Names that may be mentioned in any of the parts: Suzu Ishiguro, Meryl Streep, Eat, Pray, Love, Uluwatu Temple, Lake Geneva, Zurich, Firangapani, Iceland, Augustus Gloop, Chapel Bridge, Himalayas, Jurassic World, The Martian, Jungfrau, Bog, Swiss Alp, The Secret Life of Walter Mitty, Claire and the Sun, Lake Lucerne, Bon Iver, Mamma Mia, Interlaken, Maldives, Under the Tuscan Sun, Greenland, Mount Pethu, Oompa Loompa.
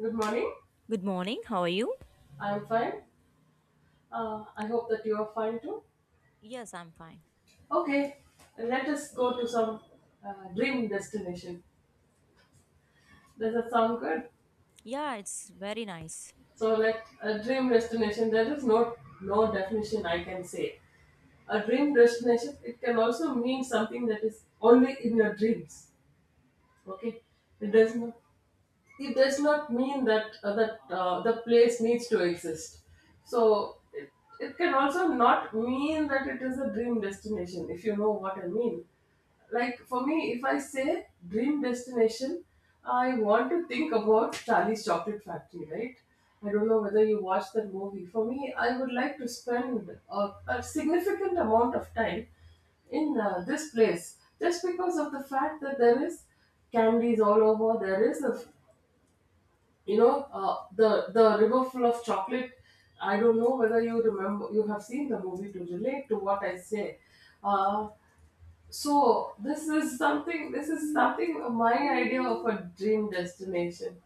Good morning. Good morning. How are you? I'm fine. I hope that you are fine too. Yes, I'm fine. Okay, let us go to some dream destination. Does that sound good? Yeah, it's very nice. So, let a dream destination. There is no definition I can say. A dream destination. It can also mean something that is only in your dreams. Okay, it does not. it does not mean that the place needs to exist so it can also not mean that it is a dream destination, if you know what I mean. Like for me, if I say dream destination, I want to think about Charlie's Chocolate Factory, right? I don't know whether you watched that movie. For me, I would like to spend a significant amount of time in this place just because of the fact that there is candies all over. There is a, you know, uh, the river full of chocolate. I don't know whether you remember, you have seen the movie, to relate to what I say. uh, so this is something, this is something, my idea of a dream destination.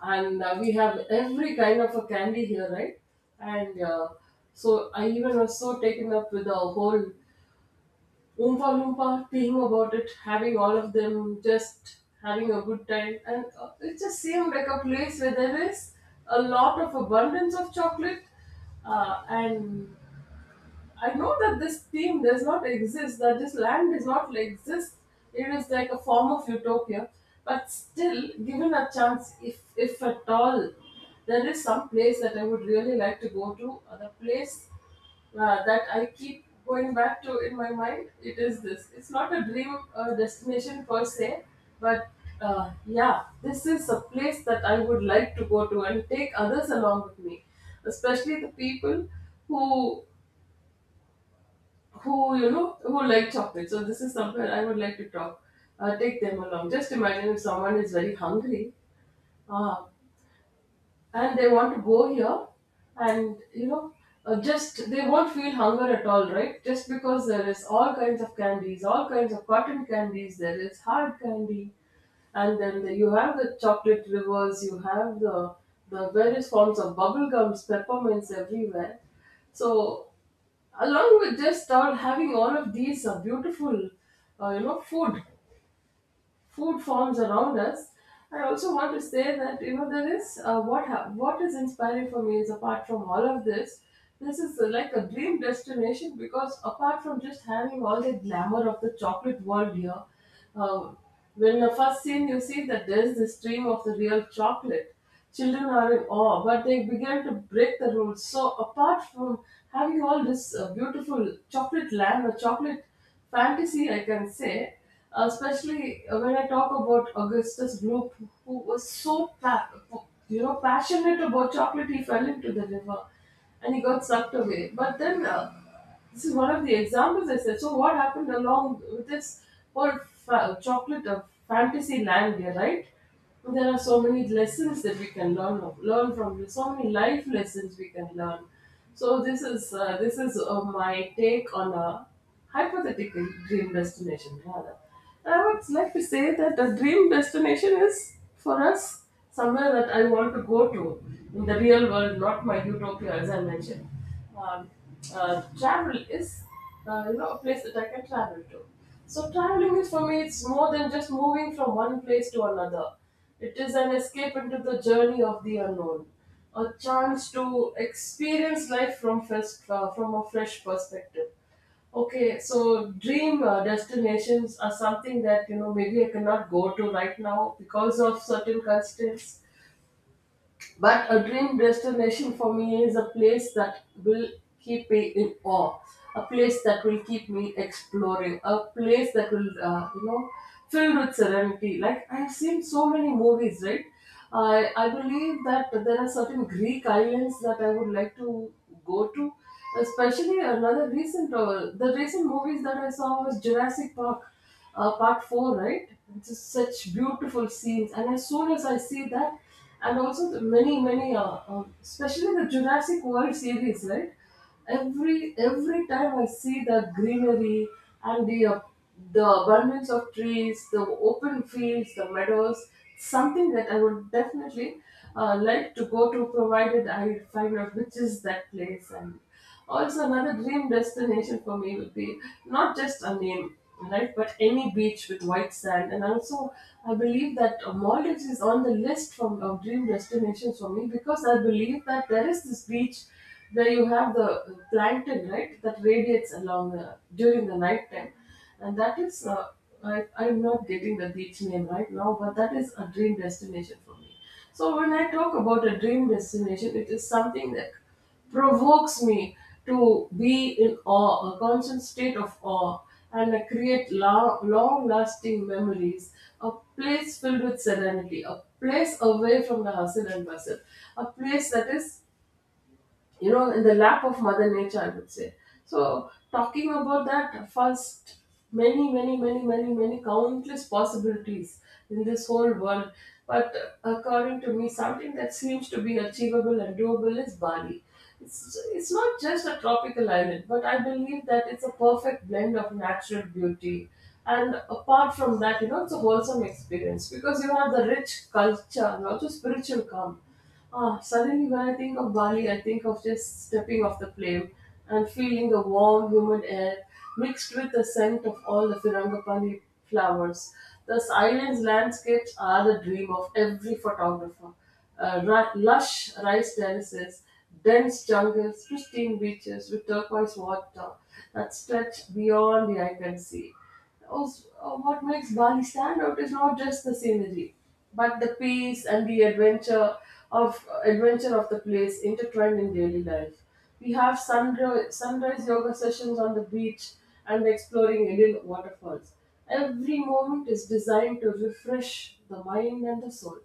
And we have every kind of a candy here, right? And so I even was so taken up with the whole Oompa Loompa being about it, having all of them, just having a good time. And it just seemed like a place where there is a lot of abundance of chocolate, and I know that this theme does not exist, that this land does not exist. It is like a form of utopia. But still, given a chance, if at all, there is some place that I would really like to go to. The place that I keep going back to in my mind, it is this. It's not a dream destination per se, but yeah, this is a place that I would like to go to and take others along with me, especially the people who who, you know, who like chocolate. So this is somewhere I would like to talk, take them along. Just imagine if someone is very hungry, ah, and they want to go here, and you know, just they won't feel hunger at all, right? Just because there is all kinds of candies, all kinds of cotton candies, there is hard candy, and then the, you have the chocolate rivers, you have the various forms of bubble gums, peppermints everywhere. So, along with just start having all of these beautiful, uh, food food forms around us. I also want to say that, you know, there is what is inspiring for me is, apart from all of this, this is like a dream destination because, apart from just having all the glamour of the chocolate world here, uh, when the first scene, you see that there is the stream of the real chocolate. Children are in awe, but they began to break the rules. So, apart from having all this beautiful chocolate land or chocolate fantasy, I can say, especially when I talk about Augustus Gloop, who was so pa- you know, passionate about chocolate, he fell into the river and he got sucked away. But then, this is one of the examples I said. So what happened along with this chocolate of fantasy land here, right? There are so many lessons that we can learn from this. So many life lessons we can learn. So this is, my take on a hypothetical dream destination. Rather, and I would like to say that a dream destination is for us somewhere that I want to go to in the real world, not my utopia, as I mentioned. Um, Travel is you know, a place that I can travel to. So traveling is, for me, it's more than just moving from one place to another. It is an escape into the journey of the unknown, a chance to experience life from a fresh perspective. Okay, so dream destinations are something that, you know, maybe I cannot go to right now because of certain constraints. But a dream destination for me is a place that will keep me in awe, a place that will keep me exploring, a place that will, you know, filled with serenity. Like, I've seen so many movies, right? I believe that there are certain Greek islands that I would like to go to. Especially another recent, the recent movies that I saw was Jurassic Park, Part Four, right? It's just such beautiful scenes, and as soon as I see that, and also the many many especially the Jurassic World series, right? every time I see the greenery and the, the abundance of trees, the open fields, the meadows, something that I would definitely like to go to, provided I find out which is that place. And also another dream destination for me would be not just a name, right, but any beach with white sand. And also, I believe that Maldives is on the list from of dream destinations for me, because I believe that there is this beach where you have the plankton, right, that radiates along the, during the night time, and that is, I'm not getting the beach name right now, but that is a dream destination for me. So when I talk about a dream destination, it is something that provokes me to be in awe, a constant state of awe, and I create long lasting memories. A place filled with serenity, a place away from the hustle and bustle, a place that is, you know, in the lap of Mother Nature, I would say. So, talking about that first, many, many, many, many, many countless possibilities in this whole world. But according to me, something that seems to be achievable and doable is Bali. It's not just a tropical island, but I believe that it's a perfect blend of natural beauty. And apart from that, you know, it's a wholesome experience because you have the rich culture and also spiritual calm. Ah, suddenly, when I think of Bali, I think of just stepping off the plane and feeling the warm, humid air mixed with the scent of all the Firangapani flowers. The island's landscapes are the dream of every photographer. Lush rice terraces, dense jungles, pristine beaches with turquoise water that stretch beyond the eye can see. Also, what makes Bali stand out is not just the scenery, but the peace and the adventure of adventure of the place intertwined in daily life. We have sunrise yoga sessions on the beach and exploring Indian waterfalls. Every moment is designed to refresh the mind and the soul.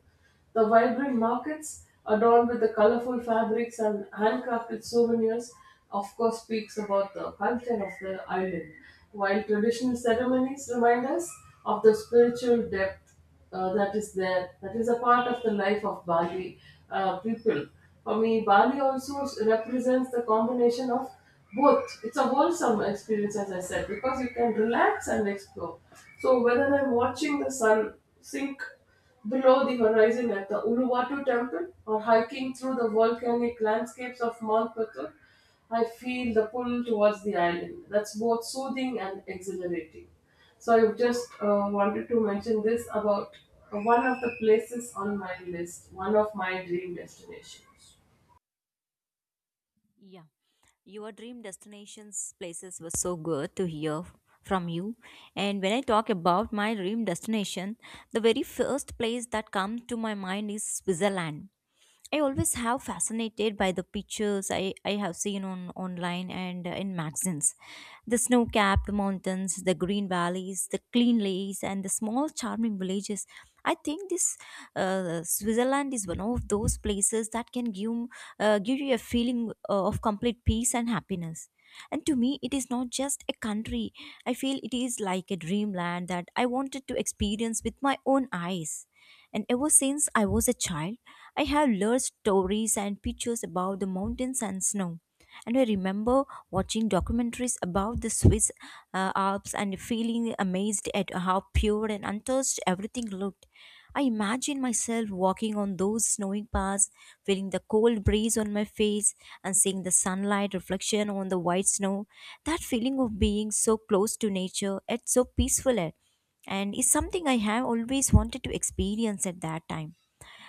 The vibrant markets, adorned with the colorful fabrics and handcrafted souvenirs, of course, speaks about the culture of the island, while traditional ceremonies remind us of the spiritual depth that is there, that is a part of the life of Bali people. For me, Bali also represents the combination of both. It's a wholesome experience, as I said, because you can relax and explore. So, whether I'm watching the sun sink below the horizon at the Uluwatu Temple, or hiking through the volcanic landscapes of Mount Pethu, I feel the pull towards the island. That's both soothing and exhilarating. So I just wanted to mention this about one of the places on my list, one of my dream destinations. Yeah. Your dream destinations places were so good to hear from you. And when I talk about my dream destination, the very first place that comes to my mind is Switzerland. I always have fascinated by the pictures I have seen on online and in magazines. The snow-capped mountains, the green valleys, the clean lakes, and the small charming villages. I think this Switzerland is one of those places that can give you a feeling of complete peace and happiness. And to me, it is not just a country. I feel it is like a dreamland that I wanted to experience with my own eyes. And ever since I was a child, I have learned stories and pictures about the mountains and snow. And I remember watching documentaries about the Swiss Alps and feeling amazed at how pure and untouched everything looked. I imagine myself walking on those snowy paths, feeling the cold breeze on my face and seeing the sunlight reflection on the white snow. That feeling of being so close to nature, yet so peaceful, and it's something I have always wanted to experience at that time.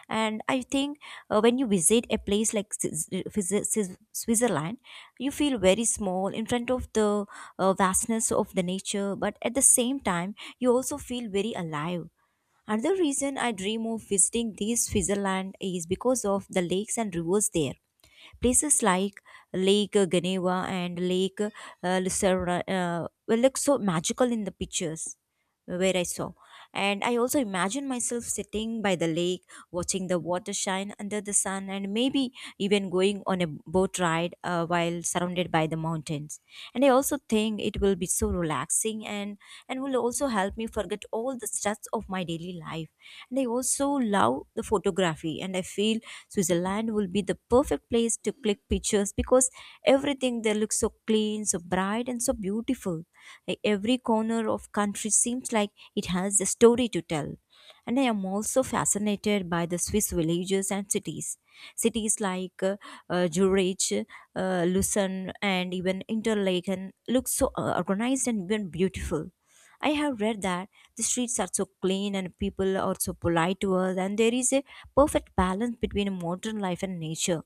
And I think when you visit a place like switzerland, you feel very small in front of the vastness of the nature, but at the same time you also feel very alive. Another reason I dream of visiting this Switzerland is because of the lakes and rivers there. Places like Lake Geneva and Lake Lucerne will look so magical in the pictures where I saw. And I also imagine myself sitting by the lake, watching the water shine under the sun, and maybe even going on a boat ride while surrounded by the mountains. And I also think it will be so relaxing, and will also help me forget all the stress of my daily life. And I also love the photography, and I feel Switzerland will be the perfect place to click pictures because everything there looks so clean, so bright, and so beautiful. Like every corner of country seems like it has a story to tell. And I am also fascinated by the Swiss villages and cities. Cities like Zurich, Lucerne, and even Interlaken look so organized and even beautiful. I have read that the streets are so clean and people are so polite to us, and there is a perfect balance between modern life and nature.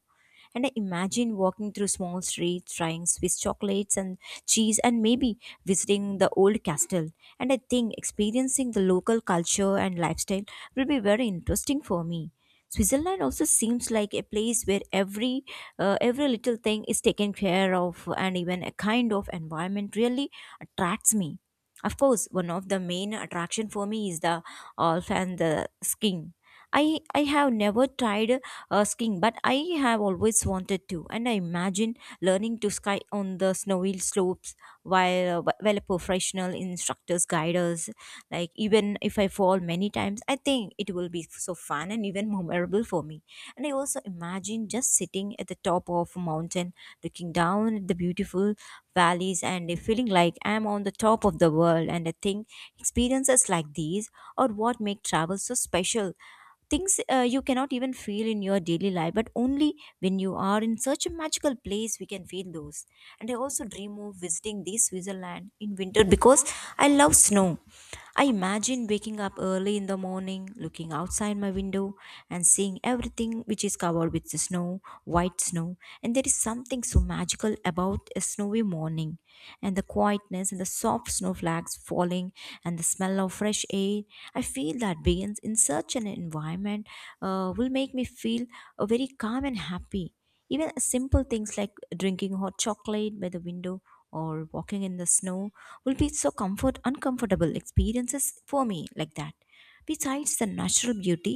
And I imagine walking through small streets, trying Swiss chocolates and cheese, and maybe visiting the old castle. And I think experiencing the local culture and lifestyle will be very interesting for me. Switzerland also seems like a place where every little thing is taken care of, and even a kind of environment really attracts me. Of course, one of the main attraction for me is the Alf and the skiing. I have never tried skiing, but I have always wanted to, and I imagine learning to ski on the snowy slopes while a professional instructors guide us. Like even if I fall many times, I think it will be so fun and even memorable for me. And I also imagine just sitting at the top of a mountain, looking down at the beautiful valleys, and feeling like I am on the top of the world. And I think experiences like these are what make travel so special, things you cannot even feel in your daily life but only when you are in such a magical place we can feel those. And I also dream of visiting the Switzerland in winter because I love snow. I imagine waking up early in the morning, looking outside my window, and seeing everything which is covered with the snow, white snow. And there is something so magical about a snowy morning, and the quietness and the soft snowflakes falling, and the smell of fresh air. I feel that beings in such an environment will make me feel very calm and happy. Even simple things like drinking hot chocolate by the window or walking in the snow will be so comfort uncomfortable experiences for me like that. Besides the natural beauty,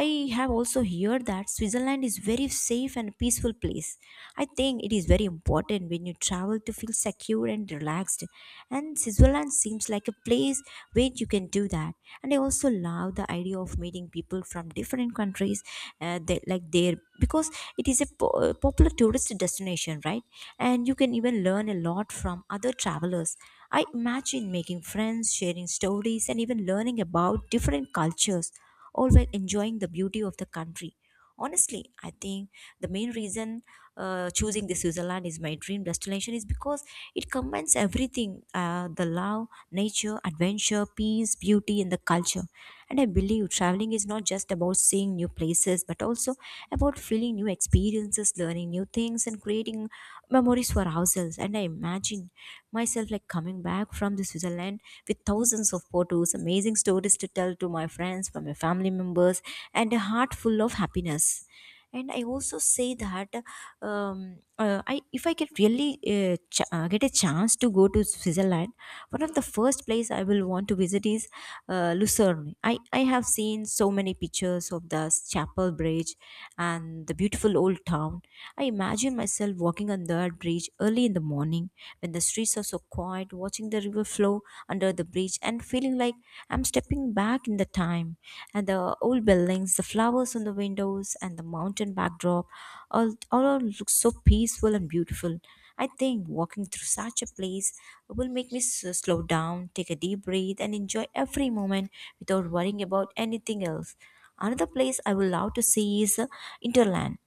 I have also heard that Switzerland is very safe and peaceful place. I think it is very important when you travel to feel secure and relaxed, and Switzerland seems like a place where you can do that. And I also love the idea of meeting people from different countries, like there, because it is a popular tourist destination, right? And you can even learn a lot from other travelers. I imagine making friends, sharing stories, and even learning about different cultures, all while enjoying the beauty of the country. Honestly, I think the main reason choosing the Switzerland is my dream destination is because it combines everything, the love, nature, adventure, peace, beauty, and the culture. And I believe traveling is not just about seeing new places, but also about feeling new experiences, learning new things, and creating memories for ourselves. And I imagine myself like coming back from the Switzerland with thousands of photos, amazing stories to tell to my friends, for my family members, and a heart full of happiness. And I also say that I if I get really get a chance to go to Switzerland, one of the first place I will want to visit is Lucerne. I have seen so many pictures of the Chapel Bridge and the beautiful old town. I imagine myself walking on that bridge early in the morning when the streets are so quiet, watching the river flow under the bridge and feeling like I'm stepping back in the time. And the old buildings, the flowers on the windows, and the mountain backdrop all looks so peaceful and beautiful. I think walking through such a place will make me slow down, take a deep breath, and enjoy every moment without worrying about anything else. Another place I would love to see is Interland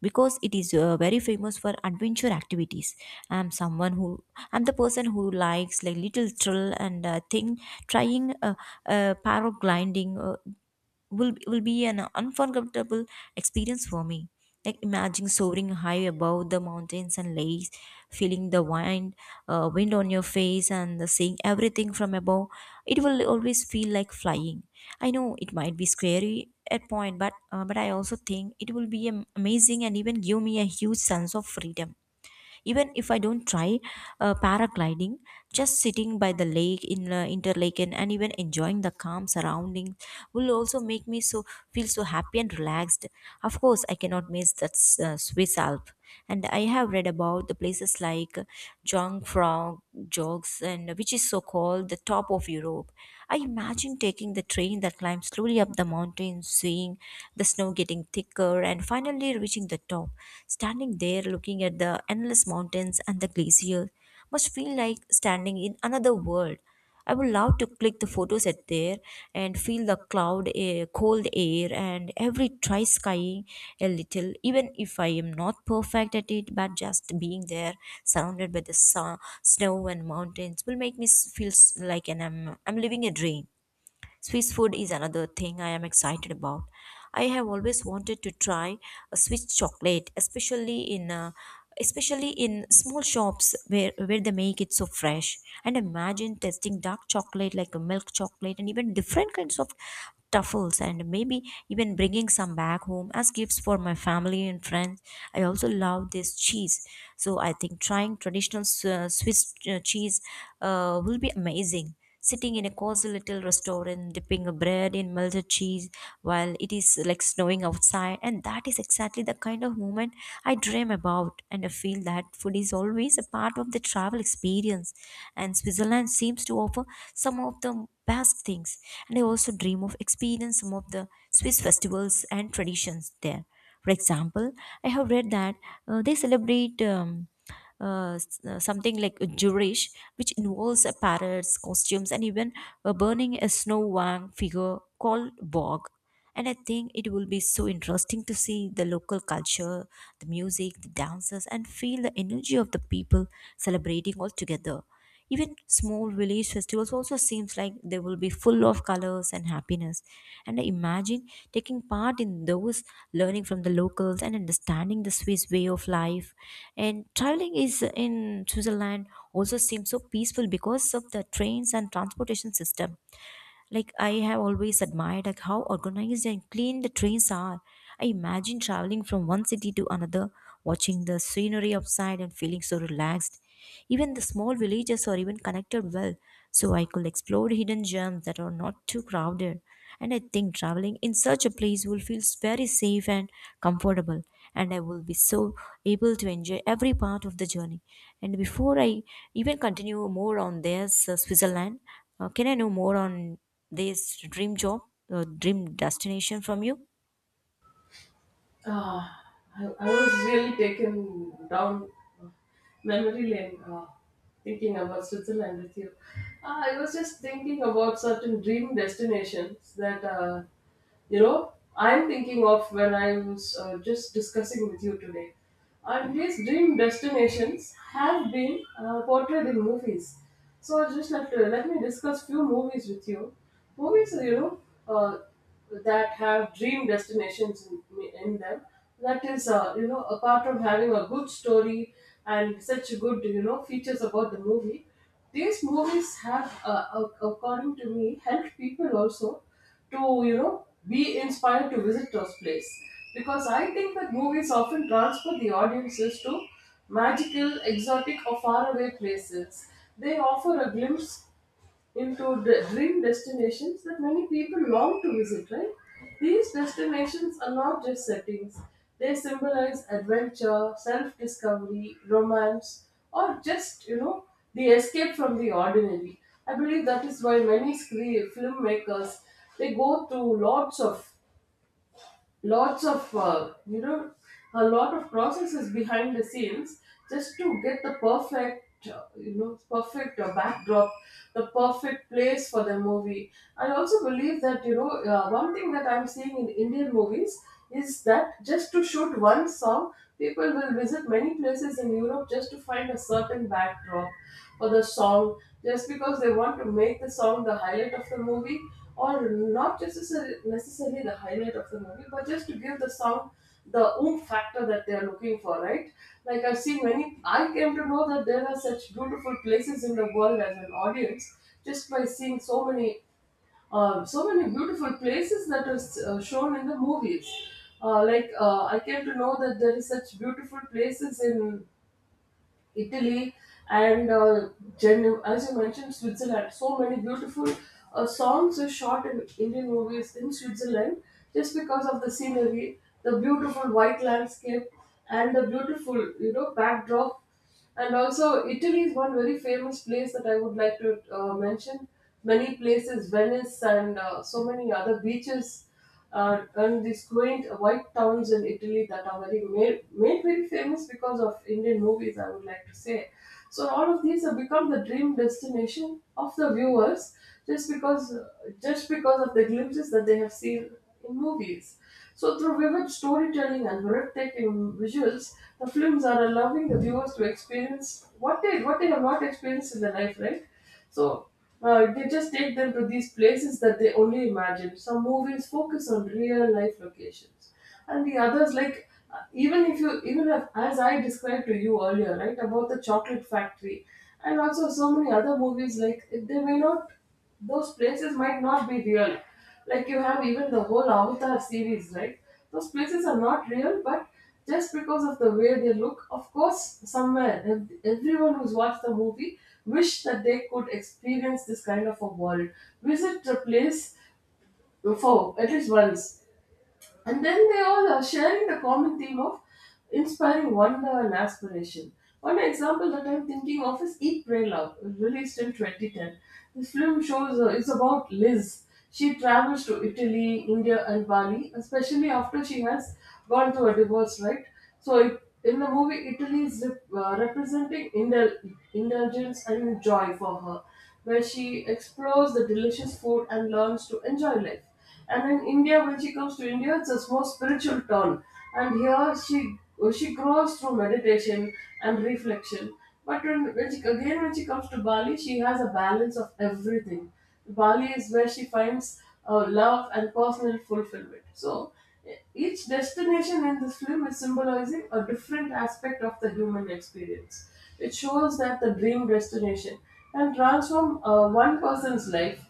because it is very famous for adventure activities. I'm someone who I'm the person who likes like little thrill and thing, trying paragliding. Will be an unforgettable experience for me. Like imagine soaring high above the mountains and lakes, feeling the wind, wind on your face, and seeing everything from above. It will always feel like flying. I know it might be scary at point, but but I also think it will be amazing and even give me a huge sense of freedom. Even if I don't try paragliding, just sitting by the lake in Interlaken and even enjoying the calm surrounding will also make me so feel so happy and relaxed. Of course, I cannot miss that Swiss Alp. And I have read about the places like Jungfrau, Jogs, and which is so called the top of Europe. I imagine taking the train that climbs slowly up the mountain, seeing the snow getting thicker, and finally reaching the top. Standing there looking at the endless mountains and the glacier must feel like standing in another world. I would love to click the photos at there and feel the cloud, air, cold air, and every try skying a little, even if I am not perfect at it. But just being there, surrounded by the sun, snow and mountains, will make me feel like an I'm living a dream. Swiss food is another thing I am excited about. I have always wanted to try a Swiss chocolate, especially in small shops where they make it so fresh. And imagine testing dark chocolate like a milk chocolate and even different kinds of truffles and maybe even bringing some back home as gifts for my family and friends. I also love this cheese, so I think trying traditional Swiss cheese will be amazing, sitting in a cozy little restaurant, dipping a bread in melted cheese while it is like snowing outside. And that is exactly the kind of moment I dream about. And I feel that food is always a part of the travel experience. And Switzerland seems to offer some of the best things. And I also dream of experience some of the Swiss festivals and traditions there. For example, I have read that they celebrate. Something like a Jewish, which involves parrots, costumes, and even burning a snow wang figure called Bog. And I think it will be so interesting to see the local culture, the music, the dances, and feel the energy of the people celebrating all together. Even small village festivals also seems like they will be full of colors and happiness, and I imagine taking part in those, learning from the locals and understanding the Swiss way of life. And traveling is in Switzerland, also seems so peaceful because of the trains and transportation system. Like I have always admired like how organized and clean the trains are. I imagine traveling from one city to another, watching the scenery outside and feeling so relaxed. Even the small villages are even connected well, so I could explore hidden gems that are not too crowded. And I think traveling in such a place will feel very safe and comfortable, and I will be so able to enjoy every part of the journey. And before I even continue more on this Switzerland, can I know more on this dream job or dream destination from you? Ah, I was really taken down memory lane, thinking about Switzerland with you. I was just thinking about certain dream destinations that, you know, I'm thinking of when I was just discussing with you today. And these dream destinations have been portrayed in movies. So I just like to, let me discuss few movies with you. Movies, you know, uh, that have dream destinations in them. That is, you know, apart from having a good story and such good, you know, features about the movie, these movies have, according to me, helped people also to, you know, be inspired to visit those places. Because I think that movies often transport the audiences to magical, exotic, or faraway places. They offer a glimpse into dream destinations that many people long to visit, right? These destinations are not just settings, they symbolize adventure, self discovery, romance, or just, you know, the escape from the ordinary. I believe that is why many screen filmmakers they go to lots of a lot of processes behind the scenes just to get the perfect perfect backdrop, the perfect place for the movie. I also believe that one thing that I'm seeing in Indian movies is that just to shoot one song, people will visit many places in Europe just to find a certain backdrop for the song, just because they want to make the song the highlight of the movie, or not just necessarily the highlight of the movie, but just to give the song the oomph factor that they are looking for, right? Like I came to know that there are such beautiful places in the world as an audience just by seeing so many beautiful places that is shown in the movies. I came to know that there is such beautiful places in Italy, and uh, as you mentioned, Switzerland. So many beautiful songs are shot in Indian movies in Switzerland just because of the scenery, the beautiful white landscape, and the beautiful backdrop. And also, Italy is one very famous place that I would like to mention. Many places, Venice, and so many other beaches and these quaint white towns in Italy that are made very famous because of Indian movies, I would like to say. So all of these have become the dream destination of the viewers just because just because of the glimpses that they have seen in movies. So through vivid storytelling and breathtaking visuals, the films are allowing the viewers to experience what they have not experienced in their life, right? So they just take them to these places that they only imagine. Some movies focus on real life locations, and the others like even if, as I described to you earlier, right, about the chocolate factory, and also so many other movies like they may not, those places might not be real. Like you have even the whole Avatar series, right? Those places are not real, but just because of the way they look, of course, somewhere everyone who's watched the movie wish that they could experience this kind of a world, visit a place for at least once. And then they all are sharing the common theme of inspiring wonder and aspiration. One example that I'm thinking of is Eat, Pray, Love, released in 2010. This film shows it's about Liz. She travels to Italy, India, and Bali, especially after she has gone through a divorce, right? So, in the movie, Italy is representing indulgence and joy for her, where she explores the delicious food and learns to enjoy life. And in India, when she comes to India, it's a more spiritual turn. And here she grows through meditation and reflection. But when she comes to Bali, she has a balance of everything. Bali is where she finds love and personal fulfillment. So each destination in this film is symbolizing a different aspect of the human experience. It shows that the dream destination can transform one person's life,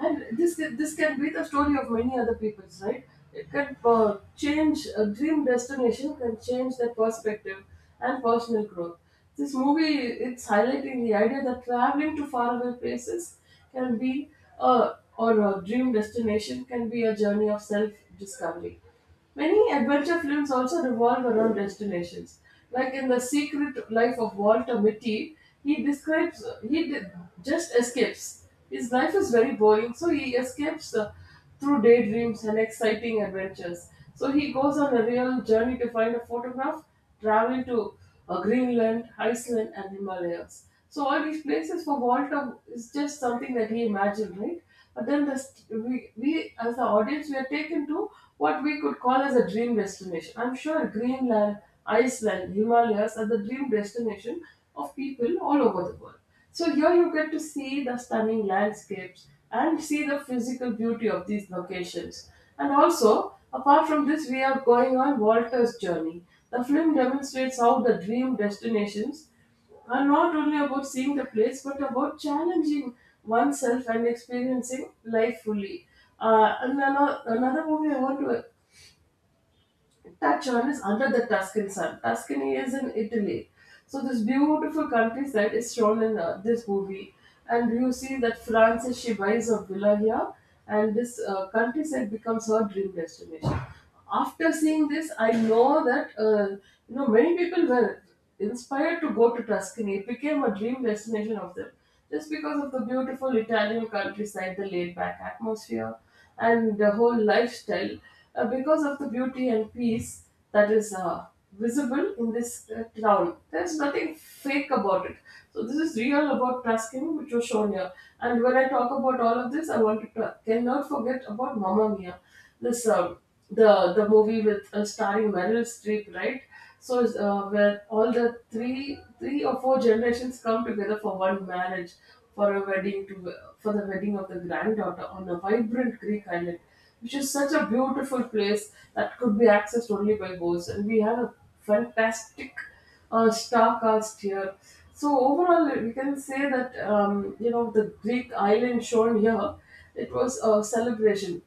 and this can be the story of many other people's, right? It can change A dream destination can change their perspective and personal growth. This movie, it's highlighting the idea that traveling to faraway places can be a a dream destination, can be a journey of self discovery. Many adventure films also revolve around destinations. Like in The Secret Life of Walter Mitty, he describes, he d- just escapes. His life is very boring, so he escapes through daydreams and exciting adventures. So he goes on a real journey to find a photograph, travel to Greenland, Iceland, and Himalayas. So all these places for Walter is just something that he imagined, right? But then we as the audience we are taken to what we could call as a dream destination. I'm sure Greenland, Iceland, Himalayas are the dream destination of people all over the world. So here you get to see the stunning landscapes and see the physical beauty of these locations. And also, apart from this, we are going on Walter's journey. The film demonstrates how the dream destinations are not only about seeing the place but about challenging oneself and experiencing life fully. And another movie I want to, that charm is Under the Tuscan Sun. Tuscany is in Italy. So this beautiful countryside is shown in this movie. And you see that Frances, she buys a villa here, and this countryside becomes her dream destination. After seeing this, I know that, many people will. Inspired to go to Tuscany, became a dream destination of them just because of the beautiful Italian countryside, the laid back atmosphere, and the whole lifestyle. Because of the beauty and peace that is visible in this town, there's nothing fake about it. So, this is real about Tuscany, which was shown here. And when I talk about all of this, I want to ta- cannot forget about Mamma Mia, this the movie with starring Meryl Streep, right? Where all the three or four generations come together for one marriage, for a wedding to for the wedding of the granddaughter on a vibrant Greek island, which is such a beautiful place that could be accessed only by boats. And we have a fantastic star cast here. So overall, we can say that the Greek island shown here, it was a celebration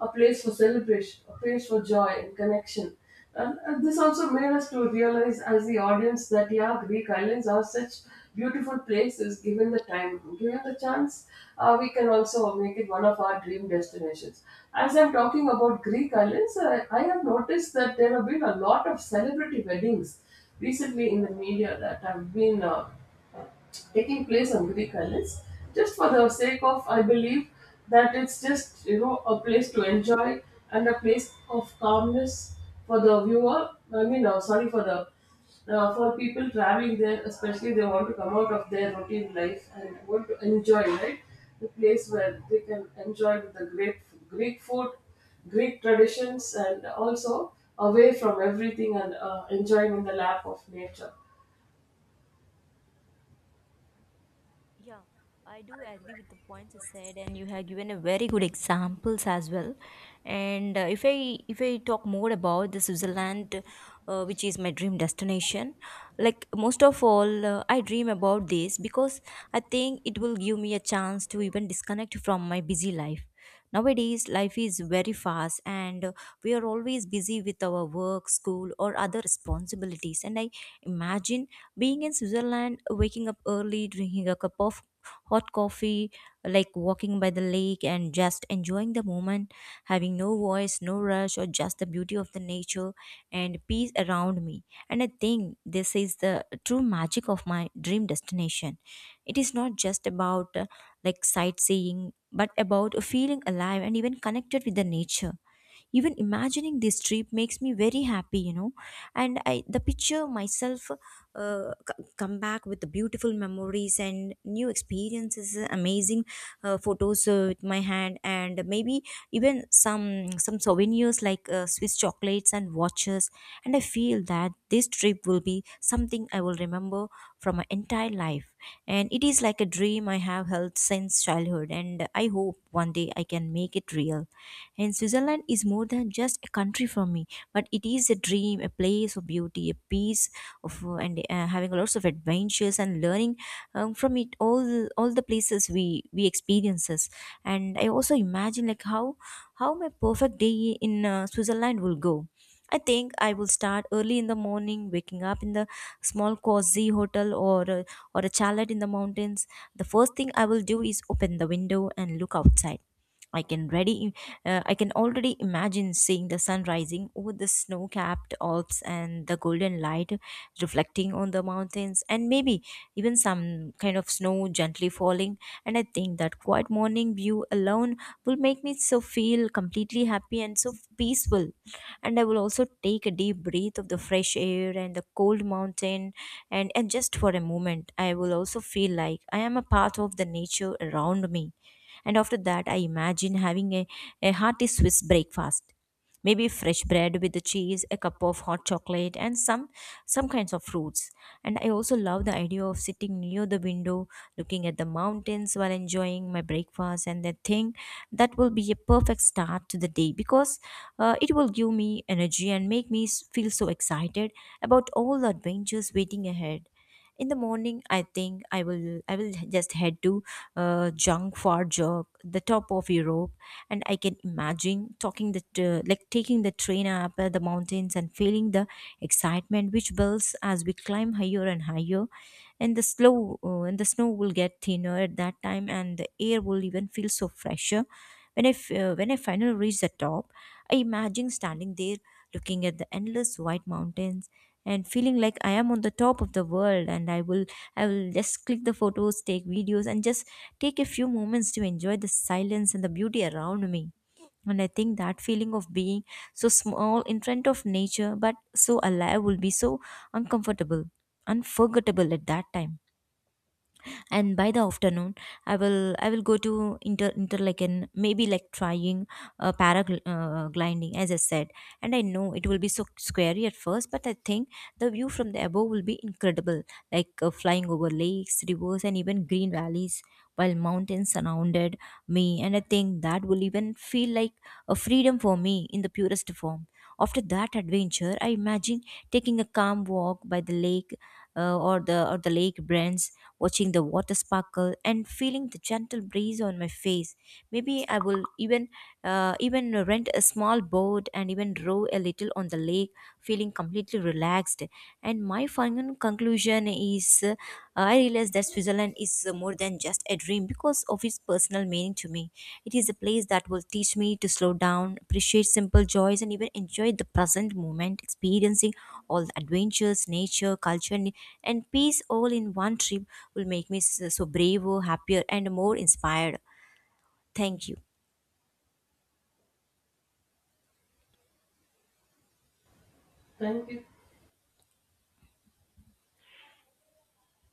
a place for celebration, a place for joy and connection. And this also made us to realize as the audience that yeah, Greek islands are such beautiful places. Given the time, given the chance, we can also make it one of our dream destinations. As I'm talking about Greek islands, I have noticed that there have been a lot of celebrity weddings recently in the media that have been taking place on Greek islands, just for the sake of, I believe that it's just a place to enjoy and a place of calmness for the viewer. I mean, sorry for the for people traveling there, especially they want to come out of their routine life and want to enjoy, right, the place where they can enjoy with the great Greek food, Greek traditions, and also away from everything and enjoying in the lap of nature. Yeah, I do agree with the points you said, and you have given a very good examples as well. And if I talk more about the Switzerland, which is my dream destination, like most of all, I dream about this because I think it will give me a chance to even disconnect from my busy life. Nowadays, life is very fast and we are always busy with our work, school, or other responsibilities. And I imagine being in Switzerland, waking up early, drinking a cup of hot coffee, like walking by the lake and just enjoying the moment, having no voice, no rush, or just the beauty of the nature and peace around me. And I think this is the true magic of my dream destination. It is not just about like sightseeing but about feeling alive and even connected with the nature, even imagining this trip makes me very happy. And I the picture myself, come back with the beautiful memories and new experiences, amazing photos with my hand, and maybe even some souvenirs like Swiss chocolates and watches. And I feel that this trip will be something I will remember from my entire life, and it is like a dream I have held since childhood, and I hope one day I can make it real. And Switzerland is more than just a country for me, but it is a dream, a place of beauty, a piece of and having lots of adventures and learning from it, all all the places we experiences. And I also imagine like how my perfect day in Switzerland will go. I think I will start early in the morning, waking up in the small cozy hotel or a chalet in the mountains. The first thing I will do is open the window and look outside. I can ready, I can already imagine seeing the sun rising over the snow-capped Alps and the golden light reflecting on the mountains, and maybe even some kind of snow gently falling. And I think that quiet morning view alone will make me so feel completely happy and so peaceful. And I will also take a deep breath of the fresh air and the cold mountain, and just for a moment, I will also feel like I am a part of the nature around me. And after that, I imagine a hearty Swiss breakfast. Maybe fresh bread with the cheese, a cup of hot chocolate, and some kinds of fruits. And I also love the idea of sitting near the window, looking at the mountains while enjoying my breakfast. And I think that will be a perfect start to the day, because it will give me energy and make me feel so excited about all the adventures waiting ahead. In the morning, I think I will just head to Junk for Jog, the top of Europe. And I can imagine talking the, like taking the train up the mountains and feeling the excitement which builds as we climb higher and higher. And the slow, and the snow will get thinner at that time, and the air will even feel so fresher. When I finally reach the top, I imagine standing there looking at the endless white mountains and feeling like I am on the top of the world. And I will just click the photos, take videos, and just take a few moments to enjoy the silence and the beauty around me. And I think that feeling of being so small in front of nature but so alive will be so uncomfortable, unforgettable at that time. And by the afternoon, I will go to Interlaken, maybe like trying paragliding gliding, as I said. And I know it will be so scary at first, but I think the view from the above will be incredible, like flying over lakes, rivers, and even green valleys while mountains surrounded me. And I think that will even feel like a freedom for me in the purest form. After that adventure, I imagine taking a calm walk by the lake, or the lake brands, watching the water sparkle and feeling the gentle breeze on my face. Maybe I will even rent a small boat and even row a little on the lake, feeling completely relaxed. And my final conclusion is, I realized that Switzerland is, more than just a dream because of its personal meaning to me. It is a place that will teach me to slow down, appreciate simple joys, and even enjoy the present moment. Experiencing all the adventures, nature, culture, and peace all in one trip will make me so braver, happier, and more inspired. Thank you. Thank you.